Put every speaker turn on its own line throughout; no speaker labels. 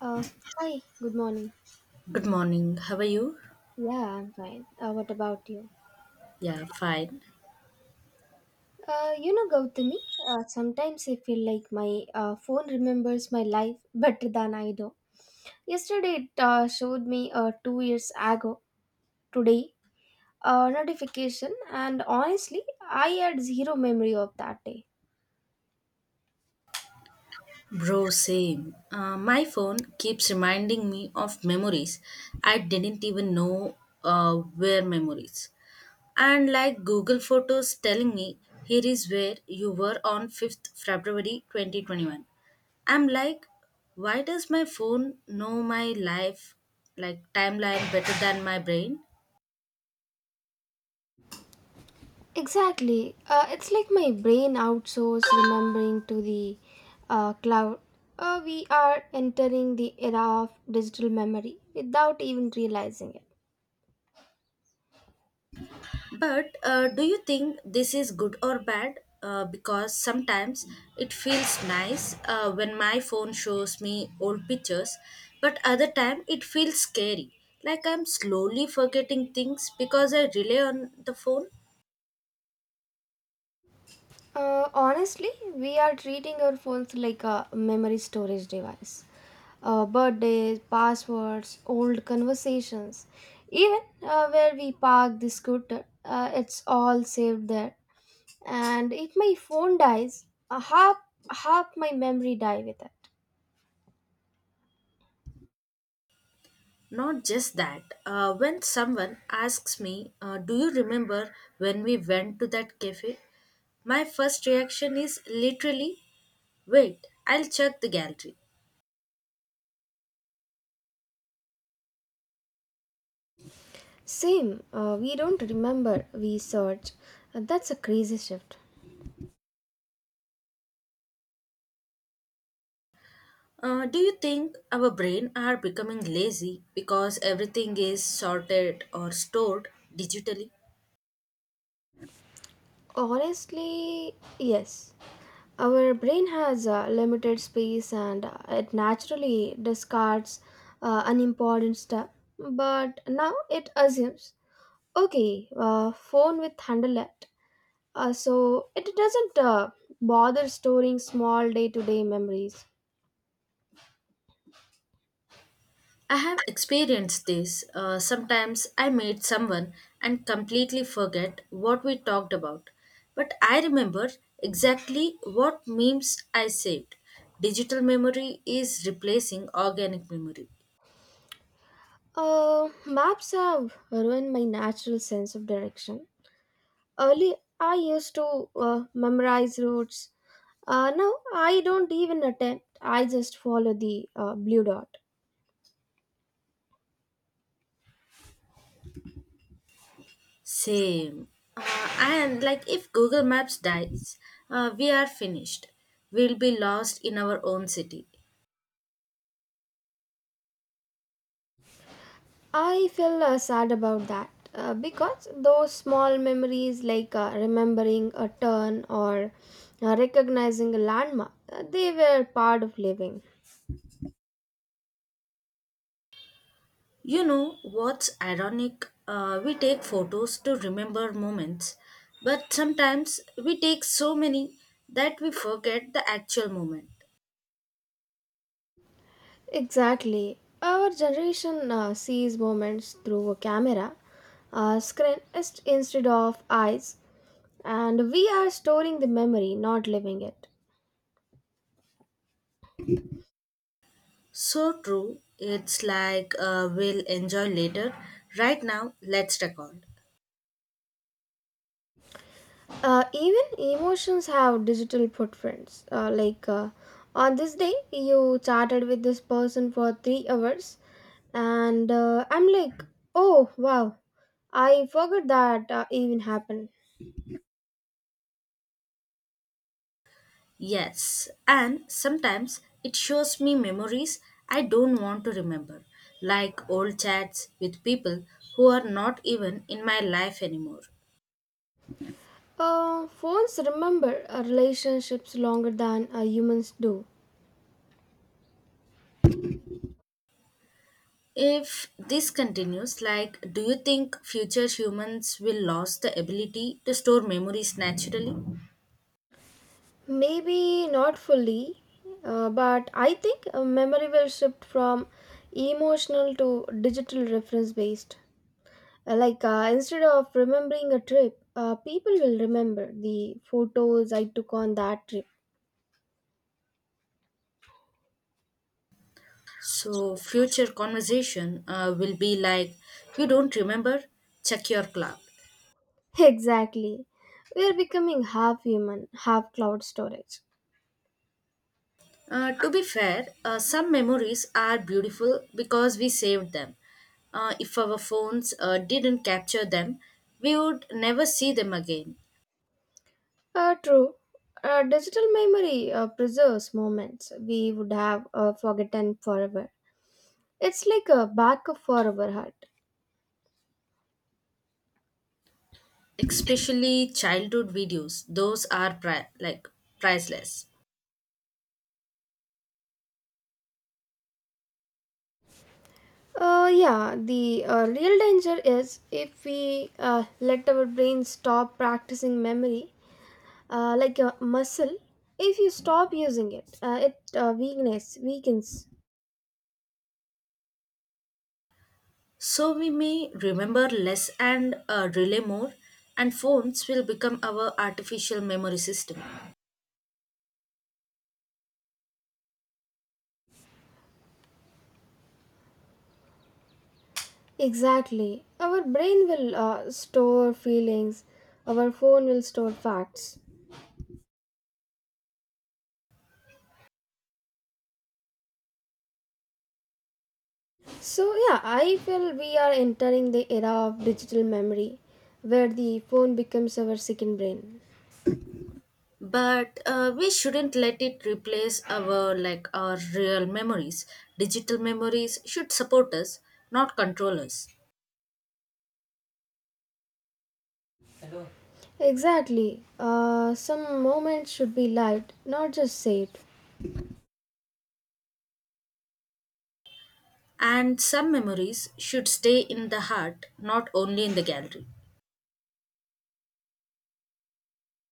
Uh, Hi, good morning.
Good morning. How are you?
Yeah, I'm fine. What about you?
Yeah, fine.
You know, Gautami, sometimes I feel like my phone remembers my life better than I do. Yesterday, it showed me 2 years ago, today, a notification, and honestly, I had zero memory of that day.
Bro, same. My phone keeps reminding me of memories. I didn't even know where memories. And like Google Photos telling me, here is where you were on 5th February 2021. I'm like, why does my phone know my life, like timeline, better than my brain?
Exactly. It's like my brain outsourced remembering to the cloud. We are entering the era of digital memory without even realizing it.
But do you think this is good or bad? Because sometimes it feels nice when my phone shows me old pictures, but other time it feels scary. Like I'm slowly forgetting things because I rely on the phone.
Honestly, we are treating our phones like a memory storage device. Birthdays, passwords, old conversations, even where we park the scooter, it's all saved there. And if my phone dies, half my memory die with it.
Not just that. When someone asks me, "Do you remember when we went to that cafe?" My first reaction is literally, wait, I'll check the gallery.
Same, we don't remember, we search. That's a crazy shift.
Do you think our brain are becoming lazy because everything is sorted or stored digitally?
Honestly, yes. Our brain has limited space and it naturally discards unimportant stuff, but now it assumes okay, phone with handlet. So it doesn't bother storing small day to day memories.
I have experienced this. Sometimes I meet someone and completely forget what we talked about, but I remember exactly what memes I saved. Digital memory is replacing organic memory.
Maps have ruined my natural sense of direction. Early, I used to memorize routes. Now I don't even attempt. I just follow the blue dot.
Same. And like if Google Maps dies, we are finished. We'll be lost in our own city.
I feel sad about that because those small memories, like remembering a turn or recognizing a landmark, they were part of living.
You know what's ironic? We take photos to remember moments, but sometimes we take so many that we forget the actual moment.
Exactly. Our generation sees moments through a camera, screen instead of eyes, and we are storing the memory, not living it.
So true, it's like we'll enjoy later. Right now, let's record.
Even emotions have digital footprints. On this day, you chatted with this person for 3 hours, and I'm like, oh wow, I forgot that even happened.
Yes, and sometimes it shows me memories I don't want to remember, like old chats with people who are not even in my life anymore.
Phones remember relationships longer than humans do.
If this continues, like, do you think future humans will lose the ability to store memories naturally?
Maybe not fully, but I think memory will shift from emotional to digital reference based. Instead of remembering a trip, people will remember the photos I took on that trip.
So, future conversation will be like, you don't remember? Check your cloud.
Exactly. We are becoming half human, half cloud storage.
To be fair, some memories are beautiful because we saved them. If our phones didn't capture them, we would never see them again.
True. Digital memory preserves moments we would have forgotten forever. It's like a backup for our heart.
Especially childhood videos; like priceless.
Yeah, the real danger is if we let our brain stop practicing memory, like a muscle if you stop using it it weakness weakens.
So we may remember less and rely more, and phones will become our artificial memory system.
Exactly, our brain will store feelings, our phone will store facts. So yeah, I feel we are entering the era of digital memory where the phone becomes our second brain.
But we shouldn't let it replace our like our real memories. Digital memories should support us, not control us.
Exactly, some moments should be lived, not just saved.
And some memories should stay in the heart, not only in the gallery.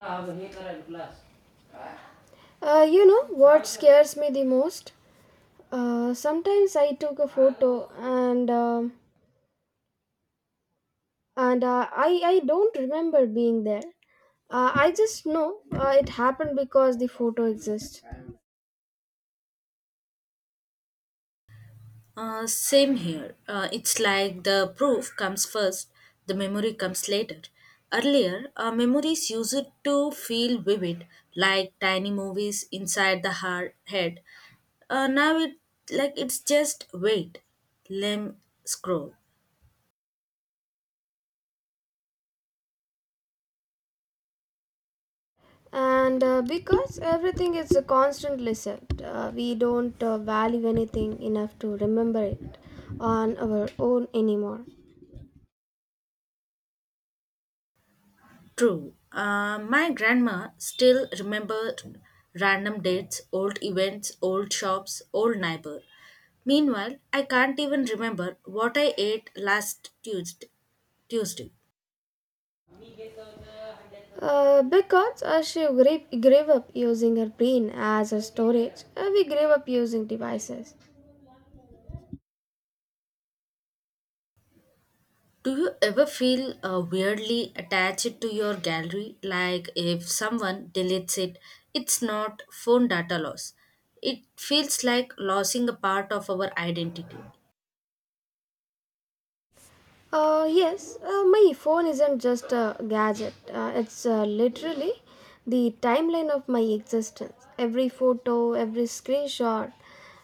Ah, the meter and glass. You know what scares me the most? Sometimes I took a photo and I don't remember being there. I just know it happened because the photo exists,
Same here. It's like the proof comes first, the memory comes later. Earlier, memories used to feel vivid, like tiny movies inside the heart, head. Now it like it's just wait, limb scroll.
and because everything is a constant list. We don't value anything enough to remember it on our own anymore.
True. My grandma still remember random dates, old events, old shops, old neighbor. Meanwhile, I can't even remember what I ate last Tuesday.
Because she gave up using her brain as a storage, we gave up using devices.
Do you ever feel weirdly attached to your gallery? Like if someone deletes it, it's not phone data loss. It feels like losing a part of our identity.
Yes, my phone isn't just a gadget. It's literally the timeline of my existence. Every photo, every screenshot,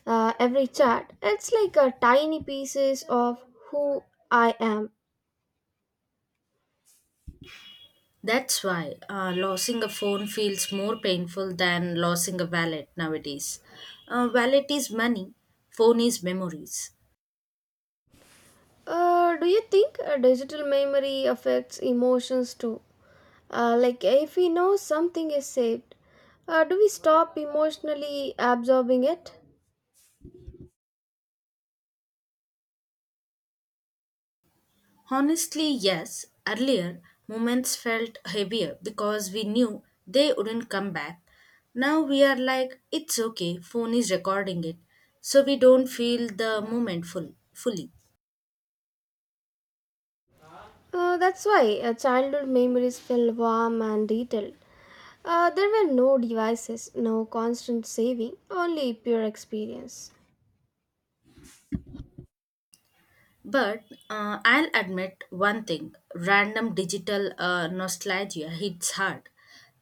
every chat. It's like a tiny pieces of who I am.
That's why losing a phone feels more painful than losing a wallet nowadays. Wallet is money, phone is memories.
Do you think digital memory affects emotions too? Like if we know something is saved, do we stop emotionally absorbing it?
Honestly, yes. Earlier, moments felt heavier because we knew they wouldn't come back. Now we are like, it's okay, phone is recording it. So we don't feel the moment fully.
That's why childhood memories feel warm and detailed. There were no devices, no constant saving, only pure experience.
But I'll admit one thing random digital nostalgia hits hard.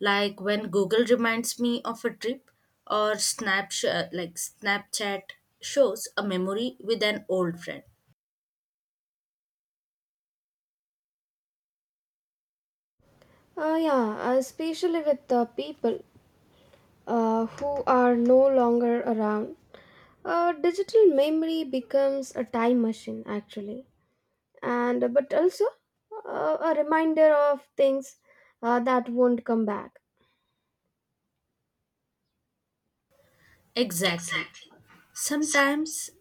Like when Google reminds me of a trip or like Snapchat shows a memory with an old friend.
Yeah, especially with the people who are no longer around. Digital memory becomes a time machine, actually, and but also a reminder of things that won't come back.
Exactly.
Exactly.
Sometimes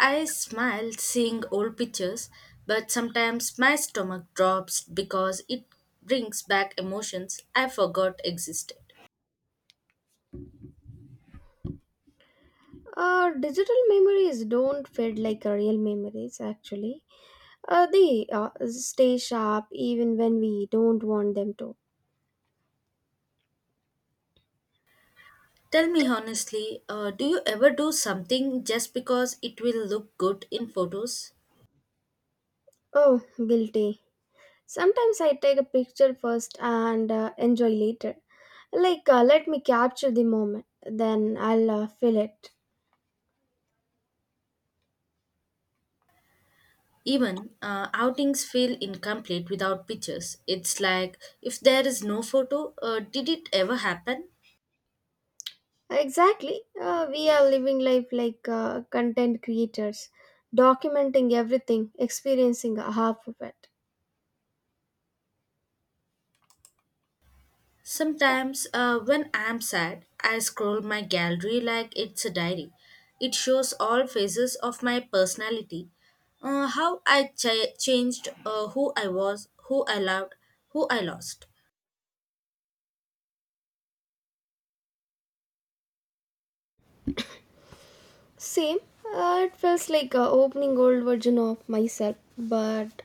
I smile seeing old pictures, but sometimes my stomach drops because it brings back emotions I forgot existed.
Digital memories don't fade like real memories, actually. They stay sharp even when we don't want them to.
Tell me honestly, do you ever do something just because it will look good in photos?
Oh, guilty. Sometimes I take a picture first and enjoy later. Like, let me capture the moment, then I'll feel it.
Even outings feel incomplete without pictures. It's like if there is no photo, did it ever happen?
Exactly. We are living life like content creators, documenting everything, experiencing half of it.
Sometimes, when I'm sad, I scroll my gallery like it's a diary. It shows all phases of my personality changed, who I was, who I loved, who I lost.
Same. It feels like a opening old version of myself, but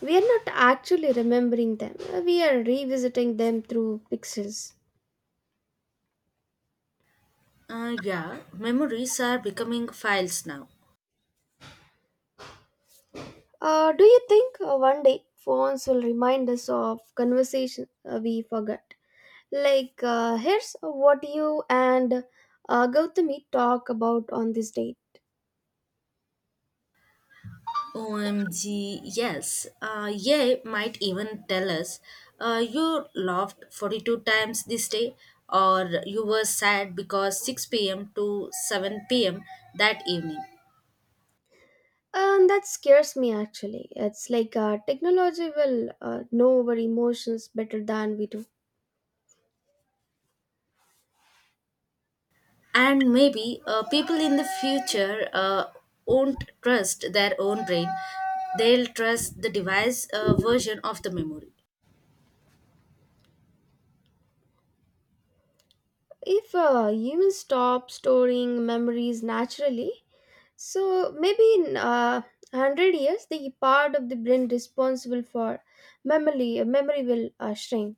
we are not actually remembering them. We are revisiting them through pixels.
Yeah, memories are becoming files now.
Do you think one day phones will remind us of conversation we forgot? Like, here's what you and Gautami talk about on this date.
OMG, yes. Yeah, might even tell us you laughed 42 times this day, or you were sad because 6 pm to 7 pm that evening.
And that scares me actually. It's like technology will know our emotions better than we do.
And maybe people in the future won't trust their own brain. They'll trust the device version of the memory,
If humans stop storing memories naturally, so maybe in 100 years the part of the brain responsible for memory will shrink.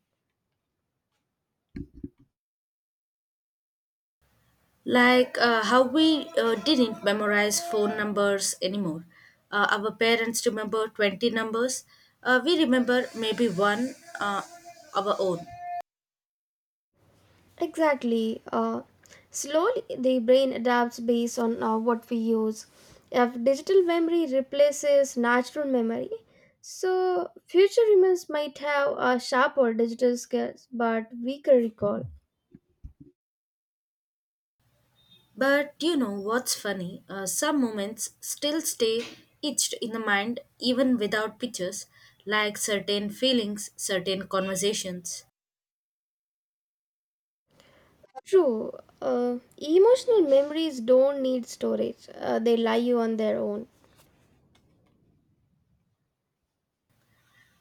like how we didn't memorize phone numbers anymore. Our parents remember 20 numbers. We remember maybe one, our own.
Exactly, slowly the brain adapts based on what we use. If digital memory replaces natural memory, so future humans might have sharper digital skills but weaker recall.
But you know what's funny? Some moments still stay etched in the mind even without pictures, like certain feelings, certain conversations.
True. Emotional memories don't need storage, they lie you on their own.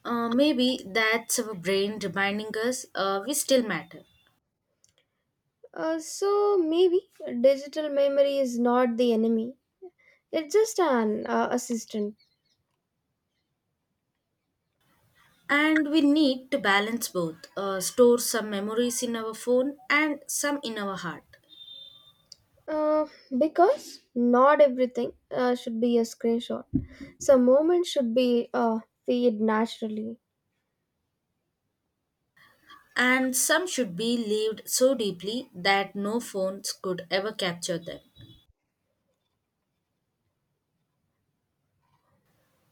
Maybe that's our brain reminding us we still matter.
So maybe digital memory is not the enemy, it's just an assistant.
And we need to balance both, store some memories in our phone and some in our heart.
Uh, because not everything should be a screenshot, some moments should be feed naturally.
And some should be lived so deeply that no phones could ever capture them.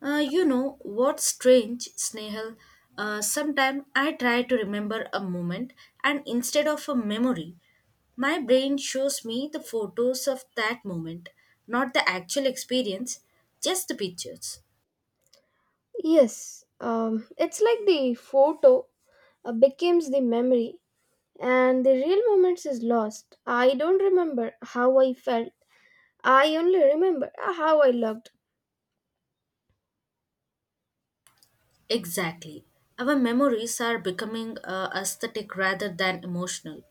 You know what's strange, Snehal? Sometimes I try to remember a moment, and instead of a memory, my brain shows me the photos of that moment, not the actual experience, just the pictures.
Yes, it's like the photo becomes the memory and the real moments is lost. I don't remember how I felt, I only remember how I looked.
Exactly. Our memories are becoming aesthetic rather than emotional.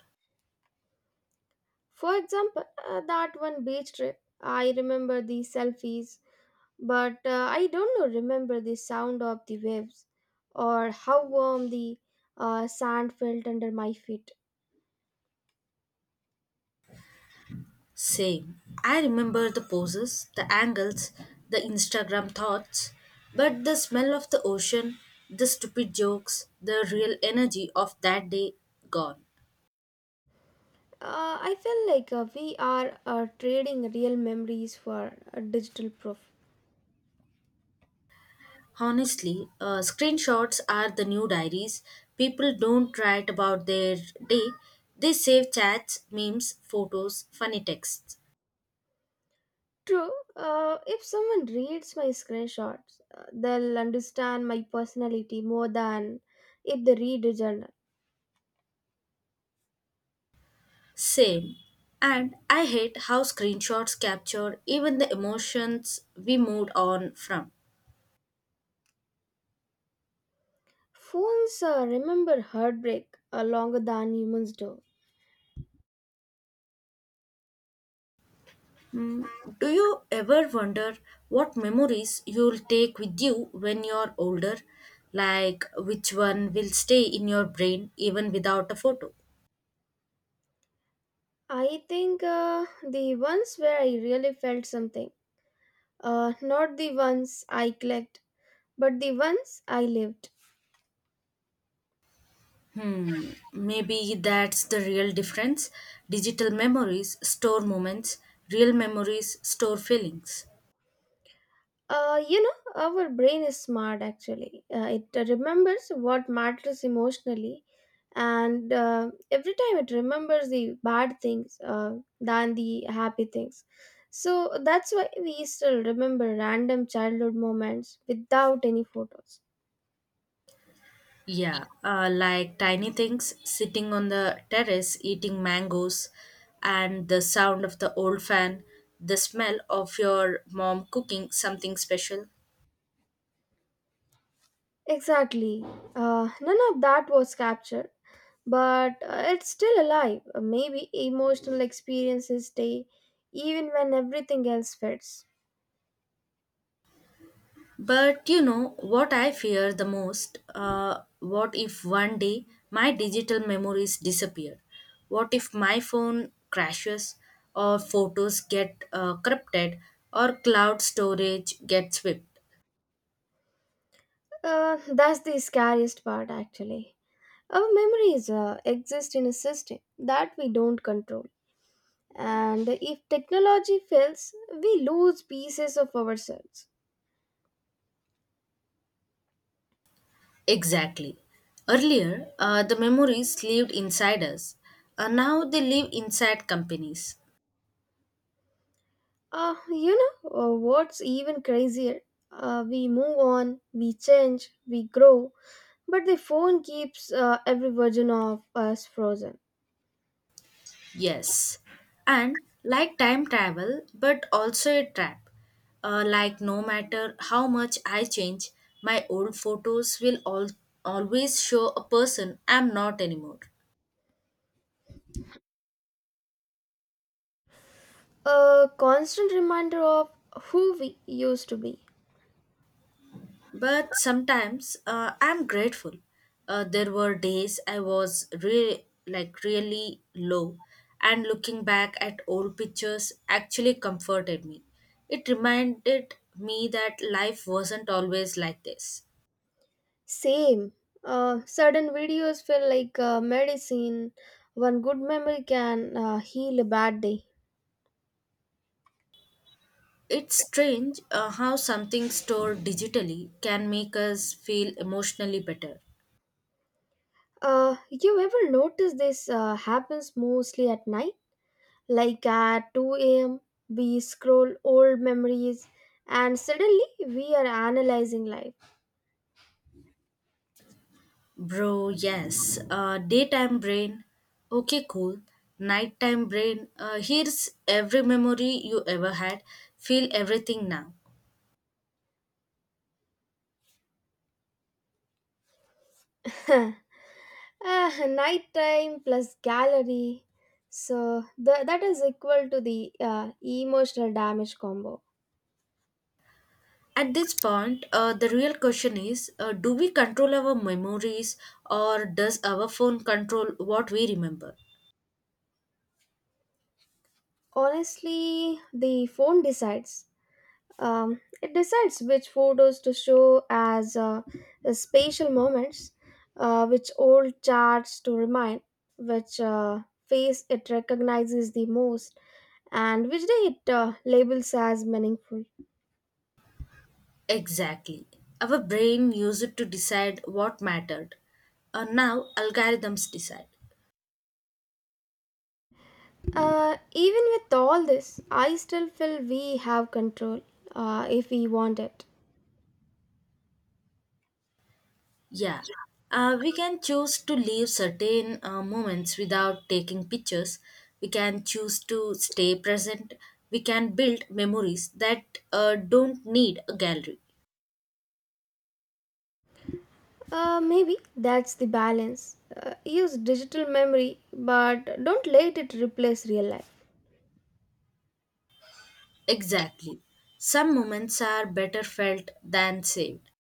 For example, that one beach trip. I remember the selfies, but I don't know, remember the sound of the waves or how warm the sand felt under my feet.
Same. I remember the poses, the angles, the Instagram thoughts, but the smell of the ocean, the stupid jokes, the real energy of that day gone.
I feel like we are trading real memories for digital proof.
Honestly, screenshots are the new diaries. People don't write about their day, they save chats, memes, photos, funny texts.
True, if someone reads my screenshots, they'll understand my personality more than if they read a journal.
Same. And I hate how screenshots capture even the emotions we moved on from.
Phones remember heartbreak longer than humans do.
Mm, do you ever wonder what memories you'll take with you when you're older? Like which one will stay in your brain even without a photo?
I think the ones where I really felt something, not the ones I clicked, but the ones I lived.
Hmm, maybe that's the real difference. Digital memories store moments, real memories store feelings.
You know, our brain is smart actually. It remembers what matters emotionally, and every time it remembers the bad things than the happy things. So that's why we still remember random childhood moments without any photos.
Yeah, like tiny things, sitting on the terrace eating mangoes, and the sound of the old fan, the smell of your mom cooking something special.
Exactly. None of that was captured, but it's still alive. Maybe emotional experiences stay even when everything else fades.
But you know what I fear the most? What if one day my digital memories disappear? What if my phone crashes, or photos get corrupted, or cloud storage gets swept?
That's the scariest part, actually. Our memories exist in a system that we don't control. And if technology fails, we lose pieces of ourselves.
Exactly. Earlier, the memories lived inside us. Now they live inside companies.
You know what's even crazier? We move on, we change, we grow, but the phone keeps every version of us frozen.
Yes, and like time travel, but also a trap. Like, no matter how much I change, my old photos always show a person I'm not anymore.
A constant reminder of who we used to be.
But sometimes I'm grateful. There were days I was like really low, and looking back at old pictures actually comforted me. It reminded me that life wasn't always like this.
Same. Certain videos feel like medicine. One good memory can heal a bad day.
It's strange how something stored digitally can make us feel emotionally better.
You ever notice this happens mostly at night? Like at 2 a.m., we scroll old memories and suddenly we are analyzing life.
Bro, yes. Daytime brain, okay, cool. Nighttime brain, here's every memory you ever had. Feel everything now.
Ah, nighttime plus gallery. So that is equal to the emotional damage combo.
At this point, the real question is do we control our memories or does our phone control what we remember?
Honestly, the phone decides. It decides which photos to show as spatial moments, which old charts to remind, which face it recognizes the most, and which day it labels as meaningful.
Exactly. Our brain used it to decide what mattered. Now algorithms decide.
Even with all this, I still feel we have control if we want it.
Yeah. We can choose to leave certain moments without taking pictures. We can choose to stay present. We can build memories that don't need a gallery.
Maybe that's the balance. Use digital memory, but don't let it replace real life.
Exactly. Some moments are better felt than saved.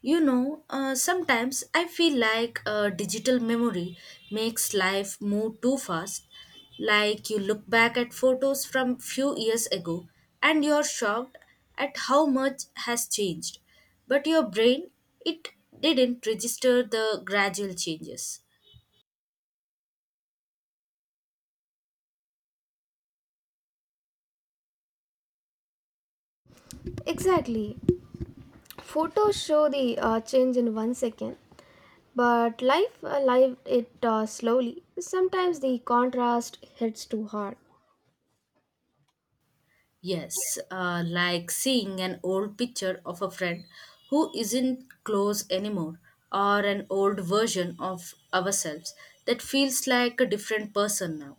You know, sometimes I feel like digital memory makes life move too fast. Like you look back at photos from few years ago and you're shocked at how much has changed. But your brain, it didn't register the gradual changes.
Exactly. Photos show the change in one second, but life live it slowly. Sometimes the contrast hits too hard.
Yes, like seeing an old picture of a friend who isn't close anymore, or an old version of ourselves that feels like a different person now.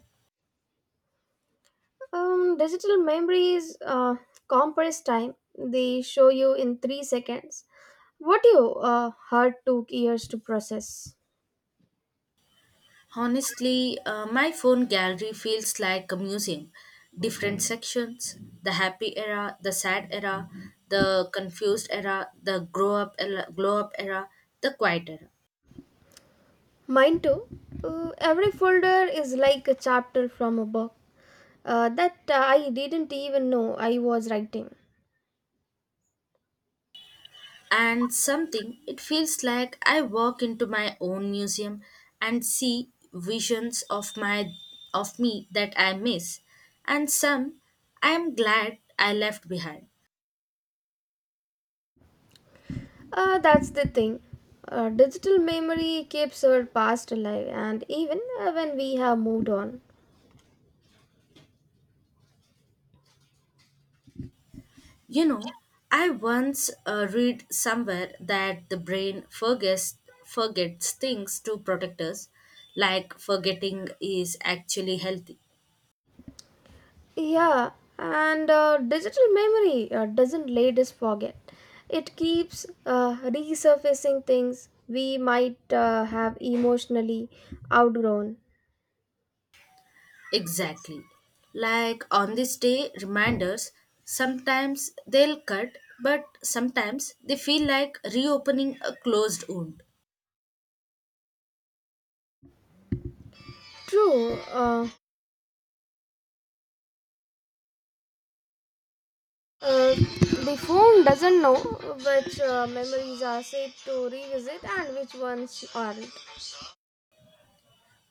Digital memories compress time. They show you in 3 seconds what you heard took years to process.
Honestly, my phone gallery feels like a museum. Different sections the happy era, the sad era, the confused era, glow up era, the quiet era.
Mine too. Every folder is like a chapter from a book that I didn't even know I was writing.
And something it feels like I walk into my own museum and see visions of my of me that I miss, and some I am glad I left behind.
That's the thing. Digital memory keeps our past alive, and even when we have moved on.
You know, I once read somewhere that the brain forgets forgets things to protect us, like forgetting is actually healthy.
Yeah, and digital memory doesn't let us forget. It keeps resurfacing things we might have emotionally outgrown.
Exactly. Like on this day, reminders, sometimes they'll cut, but sometimes they feel like reopening a closed wound.
True, the phone doesn't know which memories are safe to revisit and which ones aren't.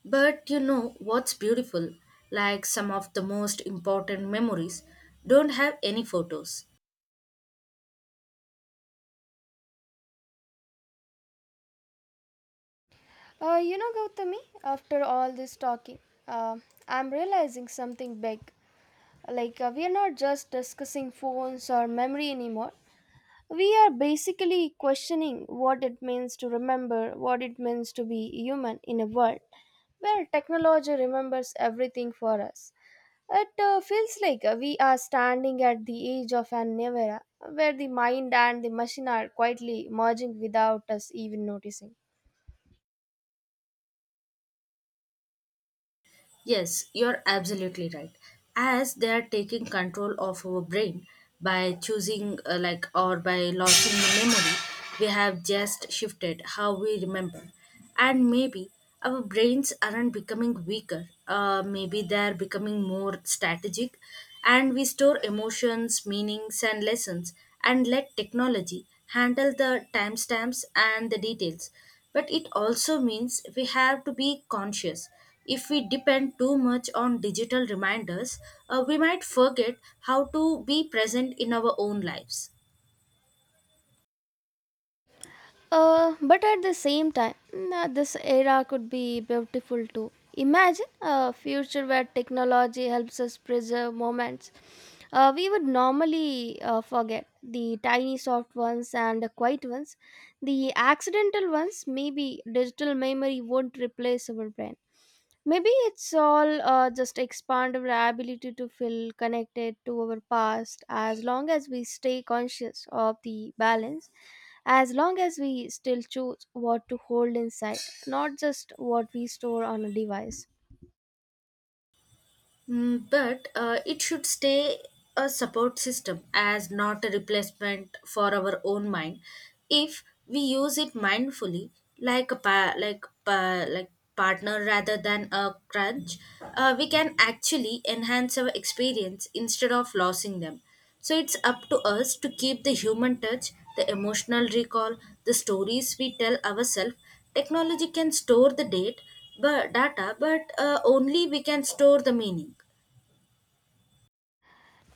But you know what's beautiful? Like some of the most important memories don't have any photos.
You know, Gautami, after all this talking, uh, I'm realizing something big. Like, we are not just discussing phones or memory anymore. We are basically questioning what it means to remember, what it means to be human in a world where technology remembers everything for us. It feels like we are standing at the edge of an new era where the mind and the machine are quietly merging without us even noticing.
Yes, you're absolutely right. As they are taking control of our brain by choosing, like, or by losing the memory, we have just shifted how we remember. And maybe our brains aren't becoming weaker, maybe they're becoming more strategic, and we store emotions, meanings, and lessons, and let technology handle the timestamps and the details. But it also means we have to be conscious if we depend too much on digital reminders, we might forget how to be present in our own lives.
But at the same time, this era could be beautiful too. Imagine a future where technology helps us preserve moments we would normally forget. The tiny soft ones and the quiet ones. The accidental ones, maybe digital memory won't replace our brain. Maybe it's all just expand our ability to feel connected to our past as long as we stay conscious of the balance, as long as we still choose what to hold inside, not just what we store on a device.
Mm, but it should stay a support system as not a replacement for our own mind. If we use it mindfully, like a pa- like partner rather than a crutch, we can actually enhance our experience instead of losing them. So it's up to us to keep the human touch, the emotional recall, the stories we tell ourselves. Technology can store the date, but data, but only we can store the meaning.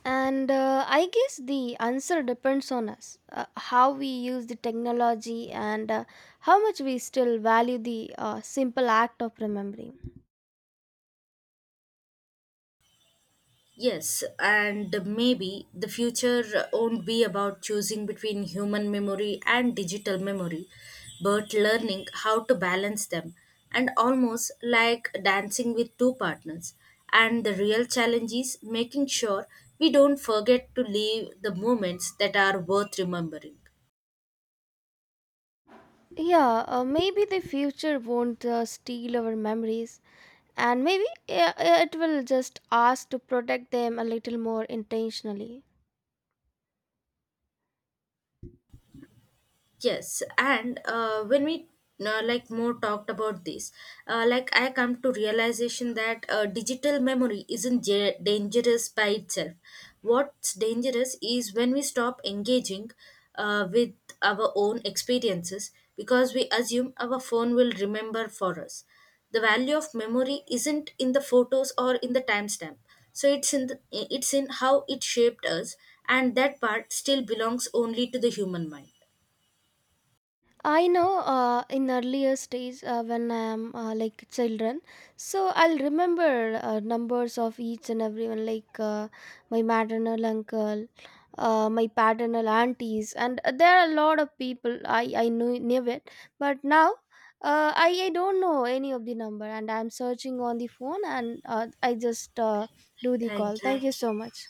And I guess the answer depends on us how we use the technology and how much we still value the simple act of remembering.
Yes, and maybe the future won't be about choosing between human memory and digital memory, but learning how to balance them, and almost like dancing with two partners. And the real challenge is making sure we don't forget to leave the moments that are worth remembering.
Yeah, maybe the future won't steal our memories, and maybe it will just ask to protect them a little more intentionally.
Yes, and when we like more talked about this, like I come to realization that digital memory isn't ja dangerous by itself. What's dangerous is when we stop engaging with our own experiences because we assume our phone will remember for us. The value of memory isn't in the photos or in the timestamp. So it's in how it shaped us, and that part still belongs only to the human mind.
I know in earlier stage when I am like children, so I'll remember numbers of each and everyone, like my maternal uncle, my paternal aunties, and there are a lot of people I knew it. But now I don't know any of the number and I'm searching on the phone and I just do the call.
Thank you.
Thank you so much.